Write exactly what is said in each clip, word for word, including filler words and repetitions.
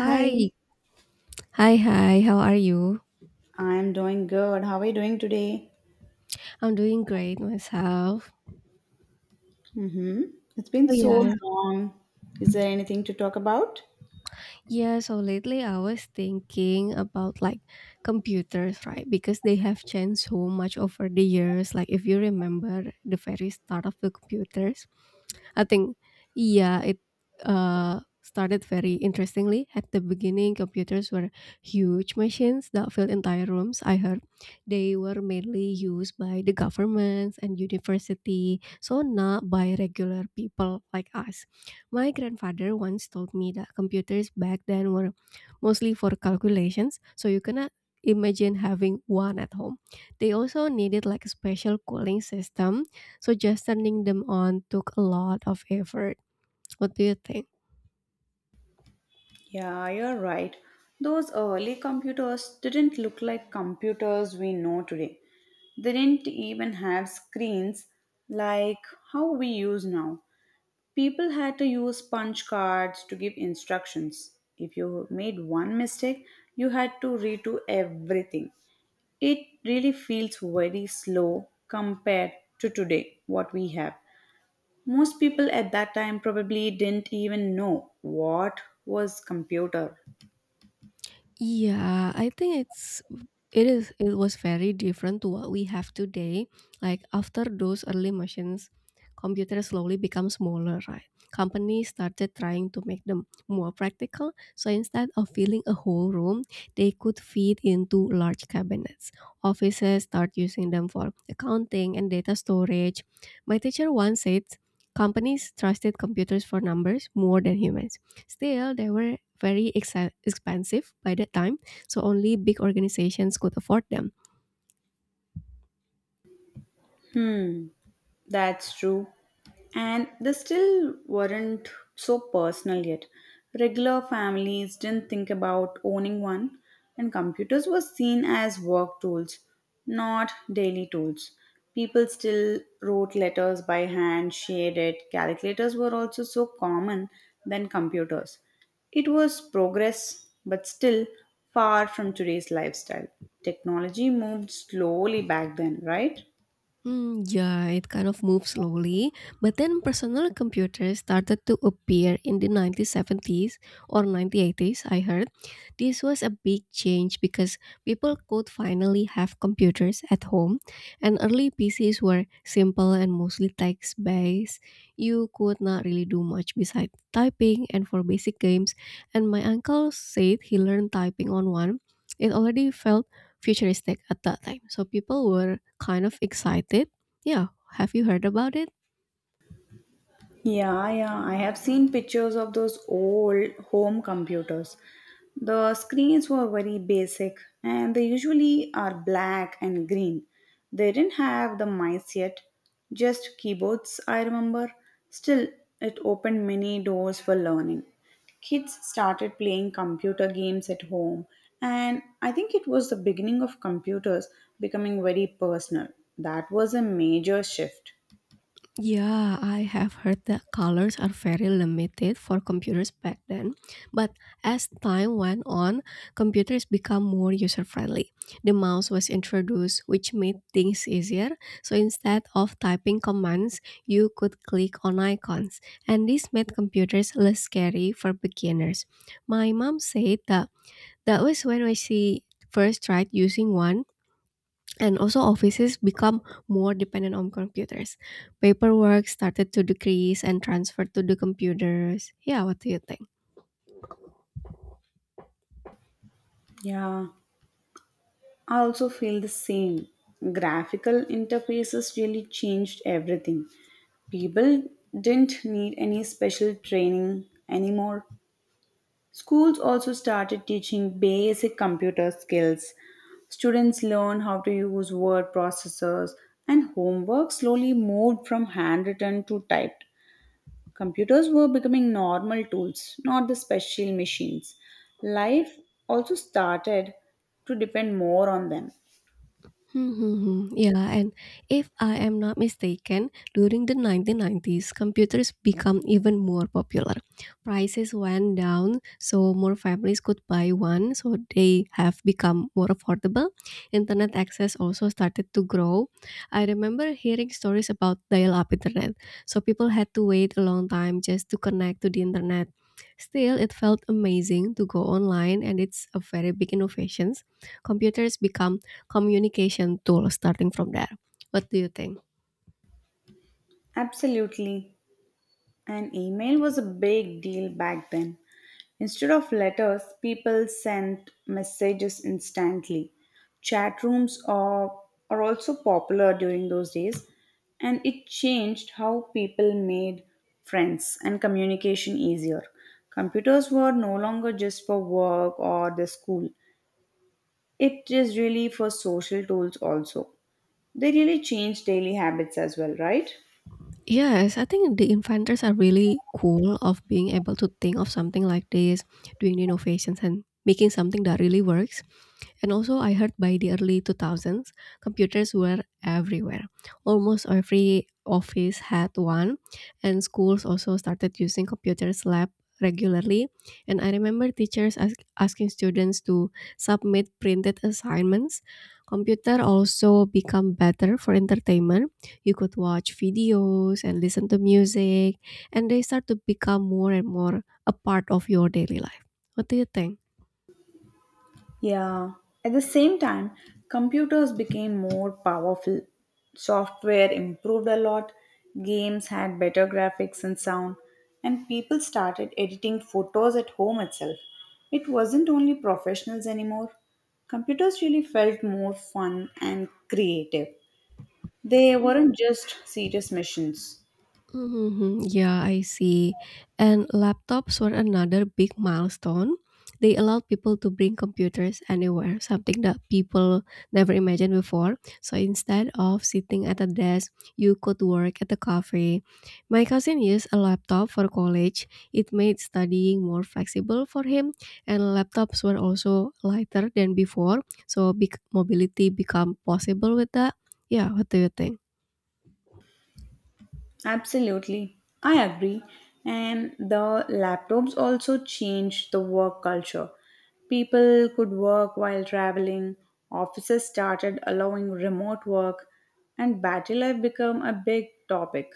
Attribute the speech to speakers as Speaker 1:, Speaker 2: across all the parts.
Speaker 1: Hi,
Speaker 2: Hi. Hi, hi. How are you?
Speaker 1: I'm doing good. How are you doing today?
Speaker 2: I'm doing great myself.
Speaker 1: Mm-hmm. It's been
Speaker 2: Oh,
Speaker 1: so
Speaker 2: yeah.
Speaker 1: long. Is there anything to talk about?
Speaker 2: Yeah, so lately I was thinking about like computers, right? Because they have changed so much over the years. Like if you remember the very start of the computers, I think yeah, it uh started very interestingly. At the beginning, computers were huge machines that filled entire rooms, I heard. They were mainly used by the governments and university, so not by regular people like us. My grandfather once told me that computers back then were mostly for calculations, so you cannot imagine having one at home. They also needed like a special cooling system, so just turning them on took a lot of effort. What do you think?
Speaker 1: Yeah, you're right. Those early computers didn't look like computers we know today. They didn't even have screens like how we use now. People had to use punch cards to give instructions. If you made one mistake, you had to redo everything. It really feels very slow compared to today what we have. Most people at that time probably didn't even know what was computer.
Speaker 2: Yeah, I think it's it is it was very different to what we have today. Like after those early machines, computers slowly become smaller, right? Companies started trying to make them more practical. So instead of filling a whole room, they could fit into large cabinets. Offices start using them for accounting and data storage. My teacher once said companies trusted computers for numbers more than humans. Still, they were very ex expensive by that time, so only big organizations could afford them.
Speaker 1: Hmm, that's true. And they still weren't so personal yet. Regular families didn't think about owning one, and computers were seen as work tools, not daily tools. People still wrote letters by hand, shared it. Calculators were also so common than computers. It was progress, but still far from today's lifestyle. Technology moved slowly back then, right?
Speaker 2: Hmm, yeah, it kind of moved slowly, but then personal computers started to appear in the nineteen seventies or nineteen eighties, I heard. This was a big change because people could finally have computers at home, and early P Cs were simple and mostly text based. You could not really do much besides typing and for basic games, and my uncle said he learned typing on one. It already felt futuristic at that time. So people were kind of excited. Yeah, have you heard about it?
Speaker 1: Yeah, yeah. I have seen pictures of those old home computers. The screens were very basic, and they usually are black and green. They didn't have the mice yet, just keyboards, I remember. Still, it opened many doors for learning. Kids started playing computer games at home, and I think it was the beginning of computers becoming very personal. That was a major shift.
Speaker 2: Yeah, I have heard that colors are very limited for computers back then. But as time went on, computers become more user friendly. The mouse was introduced, which made things easier. So instead of typing commands, you could click on icons. And this made computers less scary for beginners. My mom said that that was when I see first tried using one, and also offices become more dependent on computers. Paperwork started to decrease and transferred to the computers. Yeah, what do you think?
Speaker 1: Yeah, I also feel the same. Graphical interfaces really changed everything. People didn't need any special training anymore. Schools also started teaching basic computer skills. Students learn how to use word processors, and homework slowly moved from handwritten to typed. Computers were becoming normal tools, not the special machines. Life also started to depend more on them.
Speaker 2: Mhm. Yeah, and if I am not mistaken, during the nineteen nineties, computers become even more popular. Prices went down, so more families could buy one, so they have become more affordable. Internet access also started to grow. I remember hearing stories about dial up internet, so people had to wait a long time just to connect to the internet. Still, it felt amazing to go online, and it's a very big innovations. Computers become communication tool starting from there. What do you think?
Speaker 1: Absolutely. An email was a big deal back then. Instead of letters, people sent messages instantly. Chat rooms are, are also popular during those days, and it changed how people made friends and communication easier. Computers were no longer just for work or the school, it is really for social tools also. They really changed daily habits as well, right?
Speaker 2: Yes, I think the inventors are really cool of being able to think of something like this, doing the innovations and making something that really works. And also, I heard by the early two thousands, computers were everywhere. Almost every office had one, and schools also started using computers lab regularly. And I remember teachers ask, asking students to submit printed assignments. Computer also become better for entertainment. You could watch videos and listen to music, and they start to become more and more a part of your daily life. What do you think?
Speaker 1: Yeah. At the same time, computers became more powerful. Software improved a lot, games had better graphics and sound, and people started editing photos at home itself. It wasn't only professionals anymore. Computers really felt more fun and creative. They weren't just serious missions.
Speaker 2: Mhm. Yeah, I see. And laptops were another big milestone. They allowed people to bring computers anywhere, something that people never imagined before. So instead of sitting at a desk, you could work at a cafe. My cousin used a laptop for college. It made studying more flexible for him, and laptops were also lighter than before. So big mobility become possible with that. Yeah, what do you think?
Speaker 1: Absolutely, I agree. And the laptops also changed the work culture. People could work while traveling, offices started allowing remote work, and battery life became a big topic.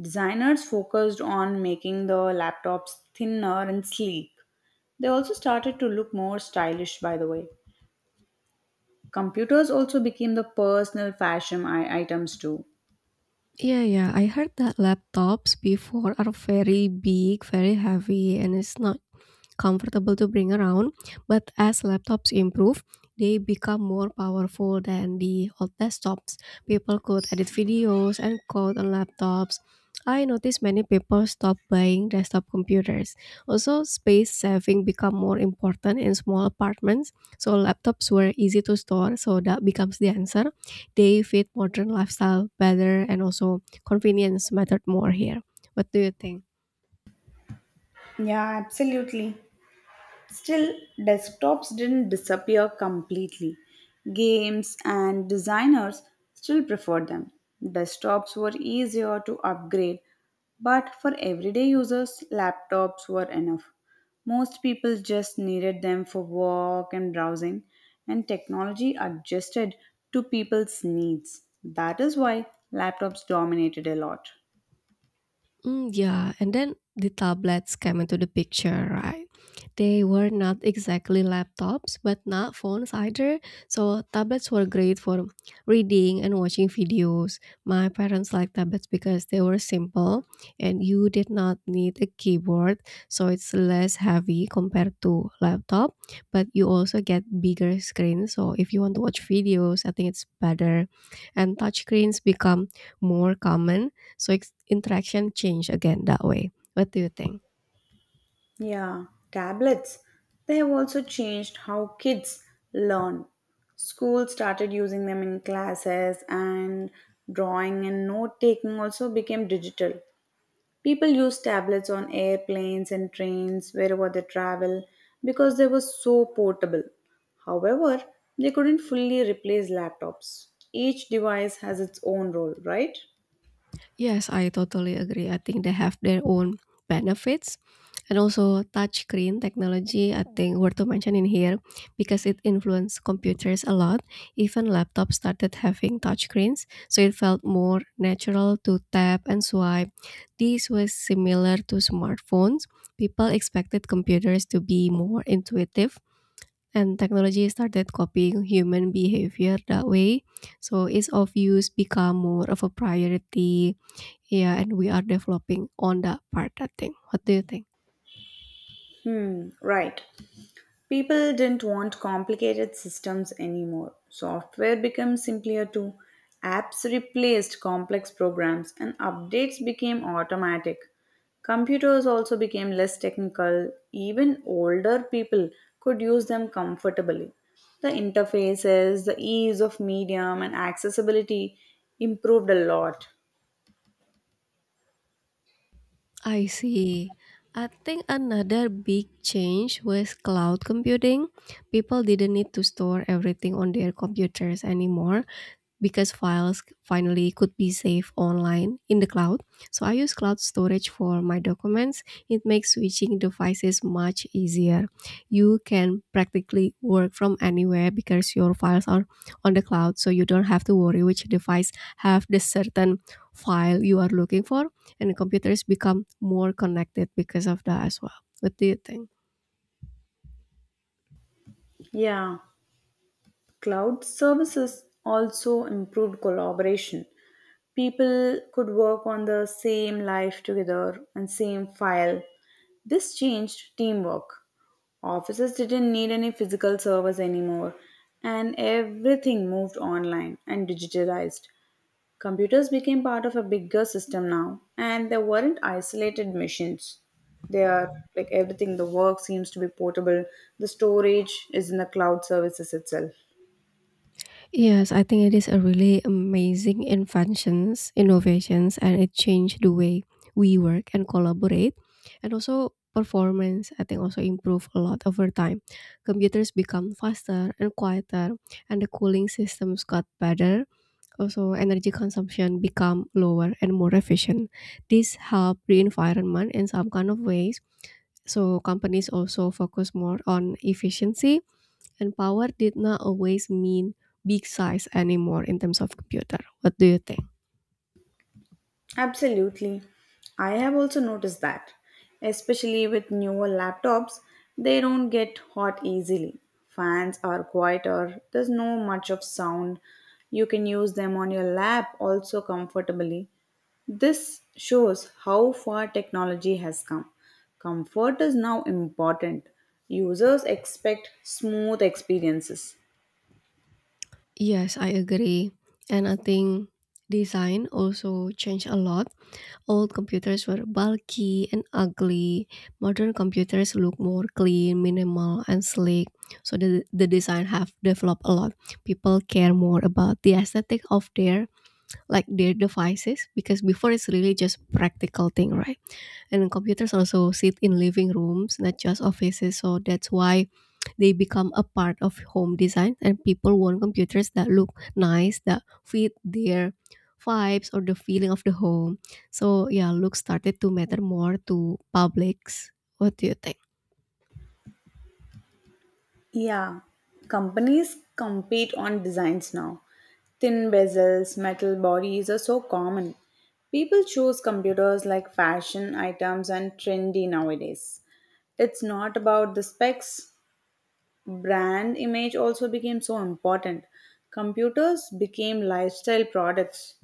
Speaker 1: Designers focused on making the laptops thinner and sleek. They also started to look more stylish, by the way. Computers also became the personal fashion i- items too.
Speaker 2: Yeah, yeah. I heard that laptops before are very big, very heavy, and it's not comfortable to bring around. But as laptops improve, they become more powerful than the old desktops. People could edit videos and code on laptops. I noticed many people stop buying desktop computers. Also, space saving become more important in small apartments. So laptops were easy to store, so that becomes the answer. They fit modern lifestyle better and also convenience mattered more here. What do you think?
Speaker 1: Yeah, absolutely. Still, desktops didn't disappear completely. Games and designers still preferred them. Desktops were easier to upgrade, but for everyday users, laptops were enough. Most people just needed them for work and browsing, and technology adjusted to people's needs. That is why laptops dominated a lot.
Speaker 2: Mm, yeah, and then the tablets came into the picture, right? They were not exactly laptops, but not phones either. So tablets were great for reading and watching videos. My parents liked tablets because they were simple and you did not need a keyboard, so it's less heavy compared to laptop, but you also get bigger screen. So if you want to watch videos, I think it's better. And touch screens become more common, so ex- interaction change again that way. What do you think?
Speaker 1: Yeah, tablets. They have also changed how kids learn. Schools started using them in classes, and drawing and note taking also became digital. People use tablets on airplanes and trains wherever they travel because they were so portable. However, they couldn't fully replace laptops. Each device has its own role, right?
Speaker 2: Yes, I totally agree. I think they have their own benefits. And also touchscreen technology, I think worth to mention in here because it influenced computers a lot. Even laptops started having touchscreens, so it felt more natural to tap and swipe. This was similar to smartphones. People expected computers to be more intuitive and technology started copying human behavior that way. So ease of use become more of a priority. Yeah, and we are developing on that part, I think. What do you think?
Speaker 1: Hmm, right. People didn't want complicated systems anymore. Software became simpler too. Apps replaced complex programs and updates became automatic. Computers also became less technical. Even older people could use them comfortably. The interfaces, the ease of medium, and accessibility improved a lot.
Speaker 2: I see. I think another big change was cloud computing. People didn't need to store everything on their computers anymore because files finally could be saved online in the cloud. So I use cloud storage for my documents. It makes switching devices much easier. You can practically work from anywhere because your files are on the cloud, so you don't have to worry which device have the certain file you are looking for, and computers become more connected because of that as well. What do you think?
Speaker 1: Yeah, cloud services also improved collaboration. People could work on the same life together and same file. This changed teamwork. Offices didn't need any physical servers anymore, and everything moved online and digitalized. Computers became part of a bigger system now, and they weren't isolated machines. They are like everything, the work seems to be portable, the storage is in the cloud services itself.
Speaker 2: Yes, I think it is a really amazing inventions, innovations, and it changed the way we work and collaborate, and also performance. I think also improve a lot over time. Computers become faster and quieter, and the cooling systems got better. Also, energy consumption become lower and more efficient. This help the environment in some kind of ways. So companies also focus more on efficiency, and power did not always mean big size anymore in terms of computer. What do you think?
Speaker 1: Absolutely. I have also noticed that, especially with newer laptops, they don't get hot easily. Fans are quieter, there's no much of sound. You can use them on your lap also comfortably. This shows how far technology has come. Comfort is now important. Users expect smooth experiences.
Speaker 2: Yes, I agree. And I think design also changed a lot. Old computers were bulky and ugly. Modern computers look more clean, minimal, and sleek. So the, the design have developed a lot. People care more about the aesthetic of their like their devices because before it's really just practical thing, right? And computers also sit in living rooms, not just offices. So that's why they become a part of home design, and people want computers that look nice, that fit their vibes or the feeling of the home. So yeah, look started to matter more to publics. What do you think?
Speaker 1: Yeah, companies compete on designs now. Thin bezels, metal bodies are so common. People choose computers like fashion items and trendy nowadays. It's not about the specs. Brand image also became so important. Computers became lifestyle products.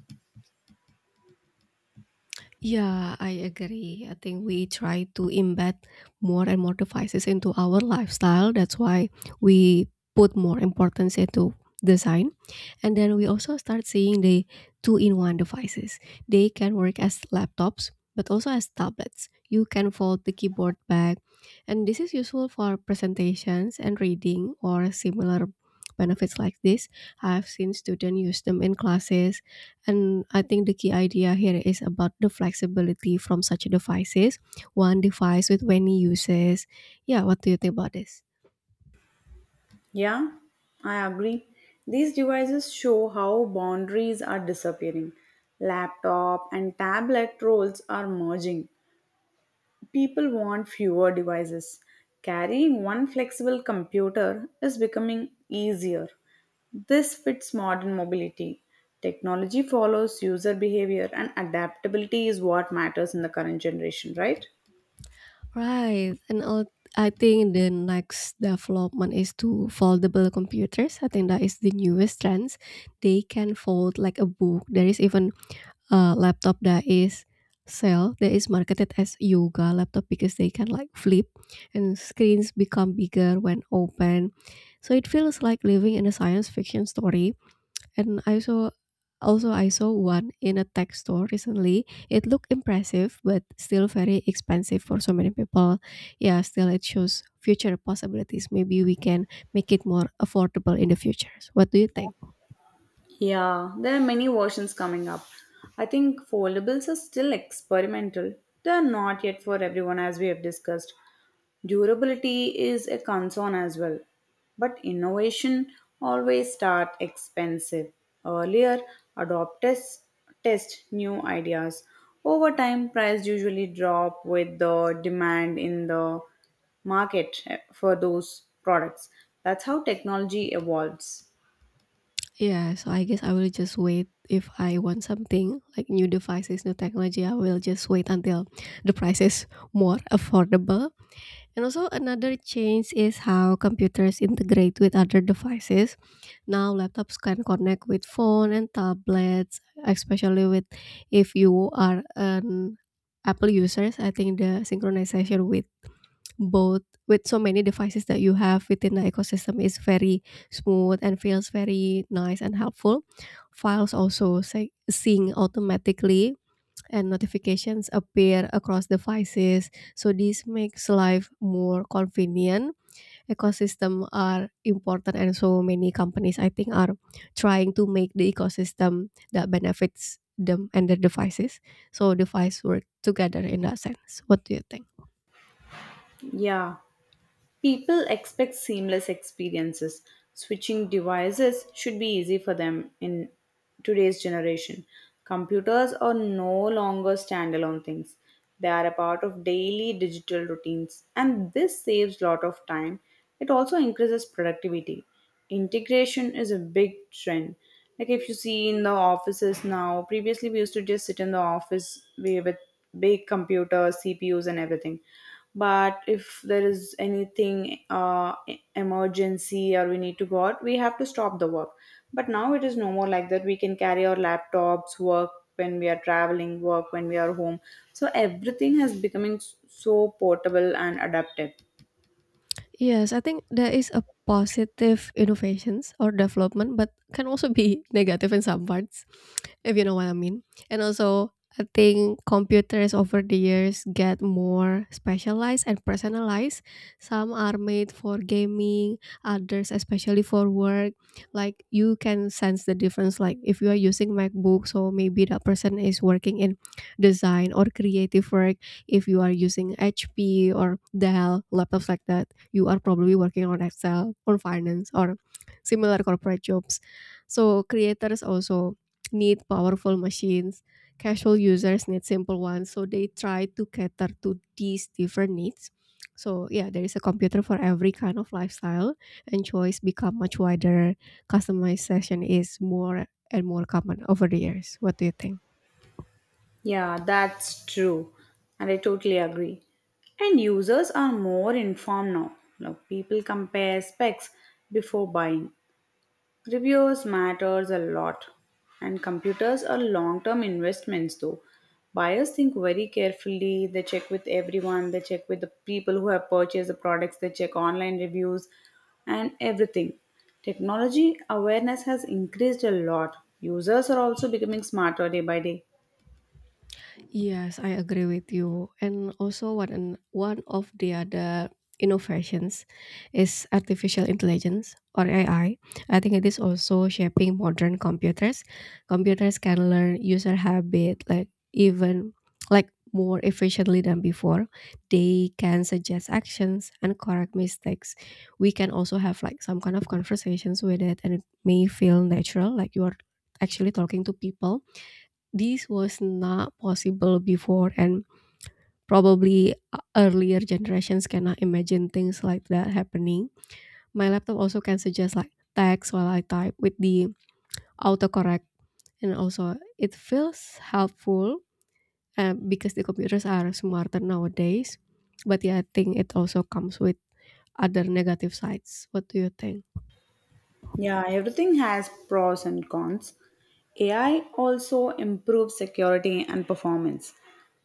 Speaker 2: Yeah, I agree. I think we try to embed more and more devices into our lifestyle. That's why we put more importance into design. And then we also start seeing the two-in-one devices. They can work as laptops, but also as tablets. You can fold the keyboard back, and this is useful for presentations and reading or similar benefits like this. I've seen students use them in classes, and I think the key idea here is about the flexibility from such devices. One device with many uses. Yeah, what do you think about this?
Speaker 1: Yeah, I agree. These devices show how boundaries are disappearing. Laptop and tablet roles are merging. People want fewer devices. Carrying one flexible computer is becoming easier. This fits modern mobility. Technology follows user behavior, and adaptability is what matters in the current generation, right?
Speaker 2: Right. And all, I think the next development is to foldable computers. I think that is the newest trends. They can fold like a book. There is even a laptop that is sell that is marketed as yoga laptop because they can like flip and screens become bigger when open. So it feels like living in a science fiction story, and I saw also I saw one in a tech store recently. It looked impressive but still very expensive for so many people. Yeah, still it shows future possibilities. Maybe we can make it more affordable in the future. So what do you think?
Speaker 1: Yeah, there are many versions coming up. I think foldables are still experimental. They are not yet for everyone, as we have discussed. Durability is a concern as well. But innovation always start expensive. Earlier, adopters test new ideas. Over time, price usually drop with the demand in the market eh, for those products. That's how technology evolves.
Speaker 2: Yeah, so I guess I will just wait if I want something like new devices, new technology. I will just wait until the price is more affordable. And also another change is how computers integrate with other devices. Now laptops can connect with phone and tablets, especially with if you are an Apple users. I think the synchronization with both with so many devices that you have within the ecosystem is very smooth and feels very nice and helpful. Files also sy- sync automatically and notifications appear across devices. So this makes life more convenient. Ecosystem are important and so many companies I think are trying to make the ecosystem that benefits them and their devices. So device work together in that sense. What do you think?
Speaker 1: Yeah. People expect seamless experiences. Switching devices should be easy for them in today's generation. Computers are no longer standalone things. They are a part of daily digital routines, and this saves lot of time. It also increases productivity. Integration is a big trend. Like if you see in the offices now, previously we used to just sit in the office wi- with big computers, CPUs, and everything. But if there is anything uh, e- emergency or we need to go out, we have to stop the work. But now it is no more like that. We can carry our laptops, work when we are traveling, work when we are home. So everything has becoming s- so portable and adaptive.
Speaker 2: Yes, I think there is a positive innovations or development, but can also be negative in some parts, if you know what I mean. And also, I think computers over the years get more specialized and personalized. Some are made for gaming, others especially for work. Like you can sense the difference. Like if you are using MacBook, so maybe that person is working in design or creative work. If you are using H P or Dell laptops like that, you are probably working on excel on finance or similar corporate jobs. So creators also need powerful machines, casual users need simple ones, so they try to cater to these different needs. So yeah, there is a computer for every kind of lifestyle, and choice become much wider. Customization is more and more common over the years. What do you think?
Speaker 1: Yeah, that's true. And I totally agree. And users are more informed now. Now people compare specs before buying. Reviews matters a lot. And computers are long-term investments though. Buyers think very carefully, they check with everyone, they check with the people who have purchased the products, they check online reviews and everything. Technology awareness has increased a lot. Users are also becoming smarter day by day.
Speaker 2: Yes, I agree with you. And also one an- one of the other innovations is artificial intelligence or A I. I I think it is also shaping modern computers. Computers can learn user habit, like even like more efficiently than before. They can suggest actions and correct mistakes. We can also have like some kind of conversations with it, and it may feel natural like you are actually talking to people. This was not possible before, and probably uh, earlier generations cannot imagine things like that happening. My laptop also can suggest like text while I type with the autocorrect, and also it feels helpful uh, because the computers are smarter nowadays. But yeah, I think it also comes with other negative sides. What do you think?
Speaker 1: Yeah, everything has pros and cons. A I also improves security and performance.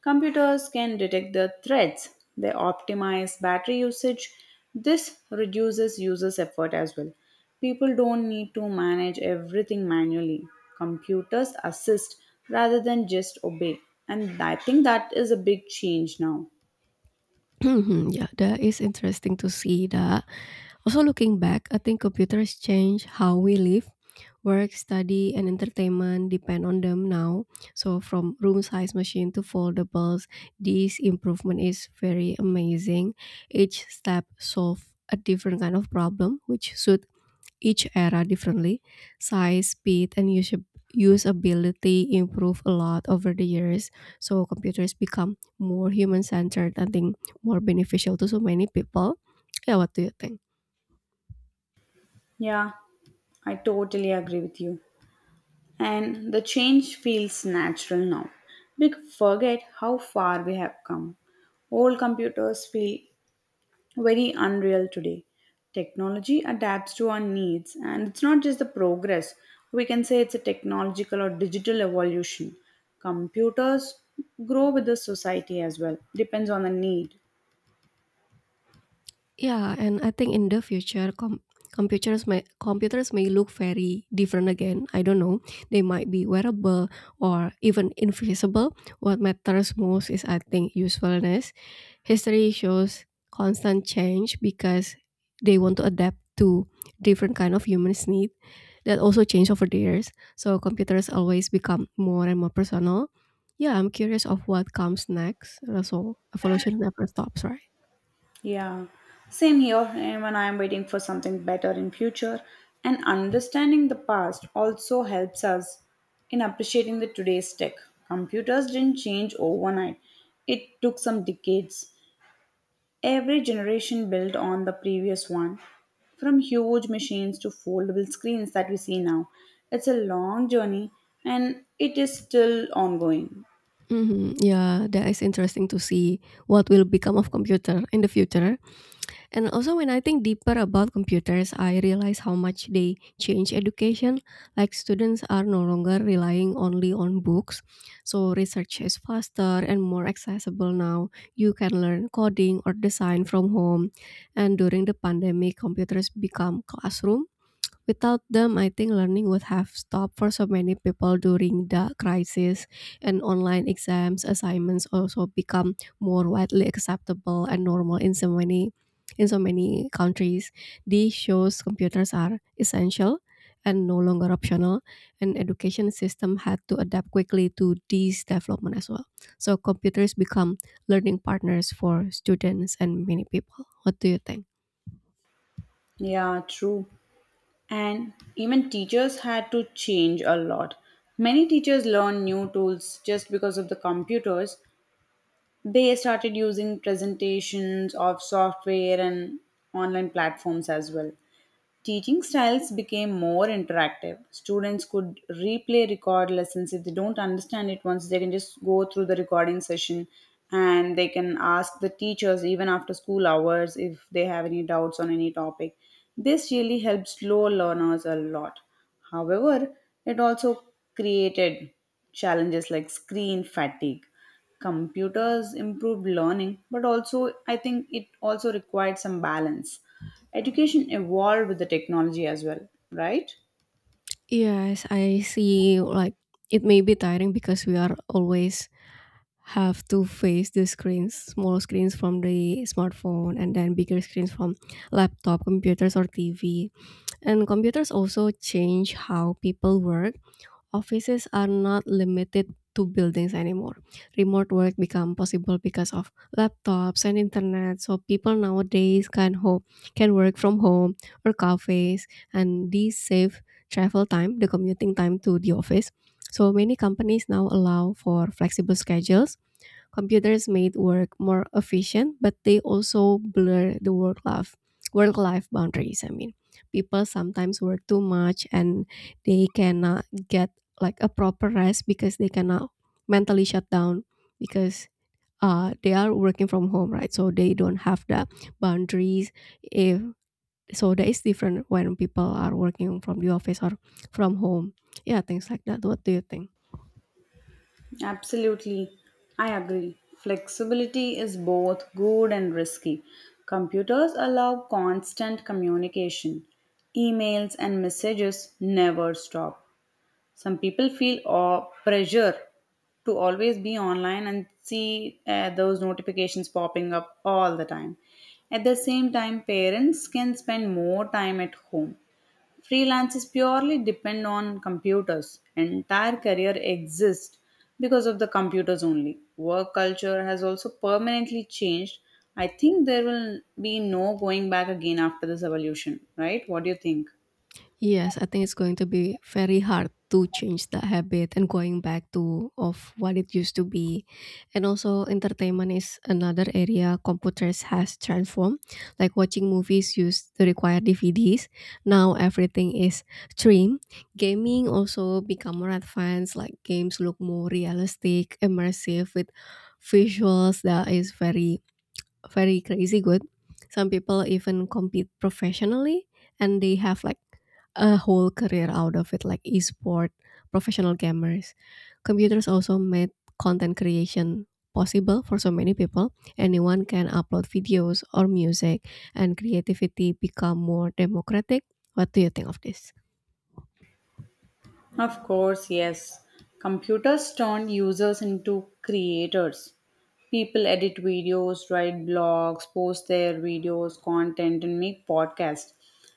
Speaker 1: Computers can detect the threats, they optimize battery usage. This reduces users' effort as well. People don't need to manage everything manually. Computers assist rather than just obey. And I think that is a big change now.
Speaker 2: Yeah, that is interesting to see that. Also, looking back, I think computers change how we live. Work, study, and entertainment depend on them now. So from room size machine to foldables, this improvement is very amazing. Each step solve a different kind of problem, which suit each era differently. Size, speed, and usa- usability improve a lot over the years. So computers become more human centered. I think more beneficial to so many people. Yeah, what do you think?
Speaker 1: Yeah, I totally agree with you. And the change feels natural now. We forget how far we have come. Old computers feel very unreal today. Technology adapts to our needs, and it's not just the progress. We can say it's a technological or digital evolution. Computers grow with the society as well, depends on the need.
Speaker 2: Yeah, and I think in the future, com- computers may computers may look very different again. I don't know. They might be wearable or even invisible. What matters most is, I think, usefulness. History shows constant change because they want to adapt to different kind of humans' need that also change over the years. So computers always become more and more personal. Yeah, I'm curious of what comes next. So evolution never stops, right?
Speaker 1: Yeah, same here. And when I am waiting for something better in future, and understanding the past also helps us in appreciating the today's tech. Computers didn't change overnight; it took some decades. Every generation built on the previous one, from huge machines to foldable screens that we see now. It's a long journey, and it is still ongoing.
Speaker 2: Mhm, yeah, that is interesting to see what will become of computer in the future. And also when I think deeper about computers, I realize how much they change education. Like students are no longer relying only on books. So research is faster and more accessible now. You can learn coding or design from home. And during the pandemic, computers become classroom. Without them, I think learning would have stopped for so many people during the crisis, and online exams assignments also become more widely acceptable and normal in so many in so many countries. This shows computers are essential and no longer optional, and education system had to adapt quickly to this development as well. So computers become learning partners for students and many people. What do you think?
Speaker 1: Yeah, true. And even teachers had to change a lot. Many teachers learned new tools just because of the computers. They started using presentations of software and online platforms as well. Teaching styles became more interactive. Students could replay record lessons. If they don't understand it once, they can just go through the recording session, and they can ask the teachers even after school hours if they have any doubts on any topic. This really helps slow learners a lot. However, it also created challenges like screen fatigue. Computers improved learning, but also I think it also required some balance. Education evolved with the technology as well, right?
Speaker 2: Yes, I see. Like it may be tiring because we are always have to face the screens, small screens from the smartphone, and then bigger screens from laptop, computers, or T V. And computers also change how people work. Offices are not limited to buildings anymore. Remote work become possible because of laptops and internet. So people nowadays can ho can work from home or cafes, and these save travel time, the commuting time to the office. So many companies now allow for flexible schedules. Computers made work more efficient, but they also blur the work life work life boundaries. I mean, people sometimes work too much and they cannot get like a proper rest because they cannot mentally shut down because uh, they are working from home, right? So they don't have the boundaries. If so, that is different when people are working from the office or from home. Yeah, things like that. What do you think?
Speaker 1: Absolutely. I agree. Flexibility is both good and risky. Computers allow constant communication. Emails and messages never stop. Some people feel aw- pressure to always be online and see uh, those notifications popping up all the time. At the same time, parents can spend more time at home. Freelance is purely depend on computers. Entire career exists because of the computers only. Work culture has also permanently changed. I think there will be no going back again after this evolution, right? What do you think?
Speaker 2: Yes, I think it's going to be very hard to change that habit and going back to of what it used to be. And also entertainment is another area computers has transformed. Like watching movies used to require D Ds. Now everything is stream. Gaming also become more advanced, like games look more realistic, immersive with visuals that is very very crazy good. Some people even compete professionally and they have like a whole career out of it, like esport, professional gamers. Computers also made content creation possible for so many people. Anyone can upload videos or music, and creativity become more democratic. What do you think of this?
Speaker 1: Of course, yes. Computers turn users into creators. People edit videos, write blogs, post their videos, content, and make podcasts.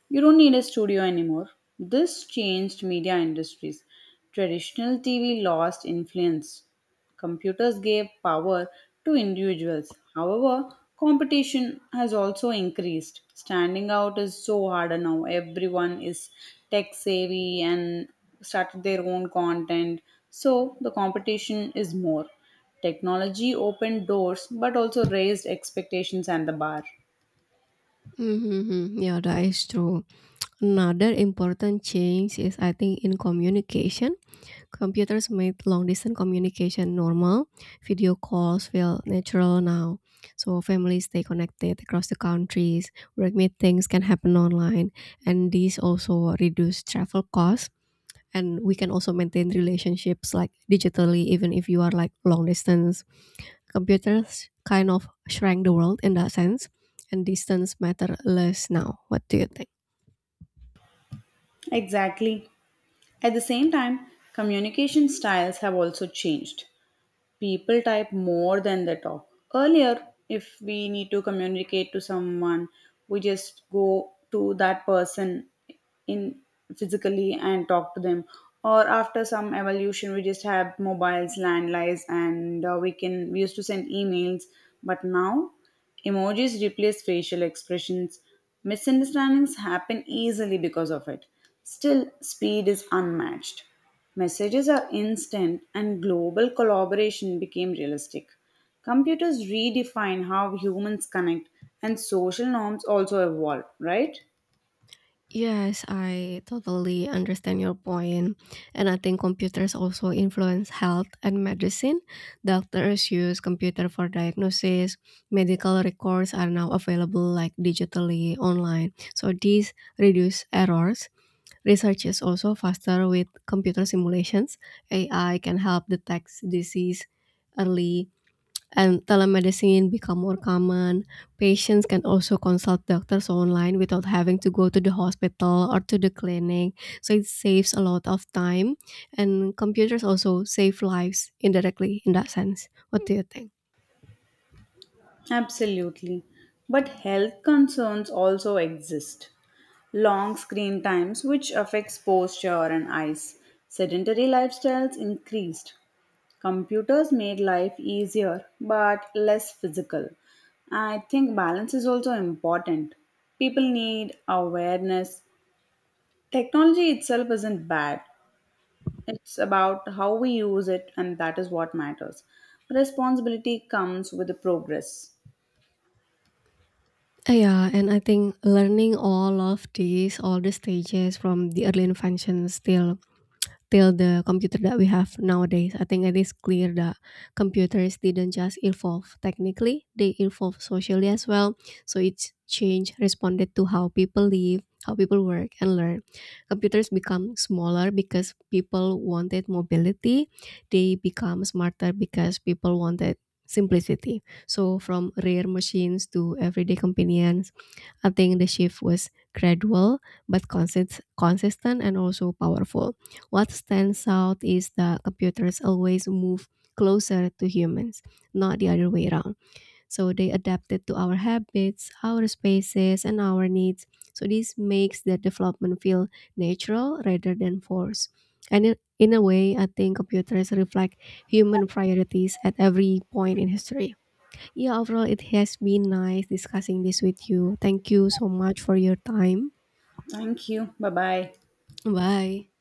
Speaker 1: You don't need a studio anymore. This changed media industries. Traditional T V lost influence. Computers gave power to individuals. However, competition has also increased. Standing out is so harder now. Everyone is tech savvy and started their own content. So the competition is more. Technology opened doors but also raised expectations and the bar.
Speaker 2: Mm-hmm. Yeah, that is true. Another important change is, I think, in communication. Computers made long distance communication normal. Video calls feel natural now. So families stay connected across the countries. Work meetings can happen online. And these also reduce travel costs. And we can also maintain relationships like digitally, even if you are like long distance. Computers kind of shrank the world in that sense. And distance matter less now. What do you think?
Speaker 1: Exactly. At the same time, communication styles have also changed. People type more than they talk. Earlier, if we need to communicate to someone, we just go to that person in physically and talk to them. Or after some evolution, we just have mobiles, landlines, and uh, we can we used to send emails. But now emojis replace facial expressions. Misunderstandings happen easily because of it. Still, speed is unmatched. Messages are instant and global collaboration became realistic. Computers redefine how humans connect and social norms also evolve, right?
Speaker 2: Yes, I totally understand your point. And I think computers also influence health and medicine. Doctors use computer for diagnosis. Medical records are now available like digitally online. So these reduce errors. Research is also faster with computer simulations. A I can help detect disease early, and telemedicine become more common, patients can also consult doctors online without having to go to the hospital or to the clinic. So it saves a lot of time, and computers also save lives indirectly in that sense. What do you think?
Speaker 1: Absolutely. But health concerns also exist. Long screen times, which affects posture and eyes. Sedentary lifestyles increased. Computers made life easier but less physical. I think balance is also important. People need awareness. Technology itself isn't bad, it's about how we use it, and that is what matters. Responsibility comes with the progress.
Speaker 2: Uh, Yeah, and I think learning all of these, all the stages from the early invention still till the computer that we have nowadays. I think it is clear that computers didn't just evolve technically, they evolve socially as well. So each change responded to how people live, how people work and learn. Computers become smaller because people wanted mobility. They become smarter because people wanted simplicity. So from rare machines to everyday companions, I think the shift was gradual but consist- consistent and also powerful. What stands out is that computers always move closer to humans, not the other way around. So they adapted to our habits, our spaces, and our needs. So this makes the development feel natural rather than forced. And in, in a way, I think computers reflect human priorities at every point in history. Yeah, overall, it has been nice discussing this with you. Thank you so much for your time.
Speaker 1: Thank you. Bye bye.
Speaker 2: Bye.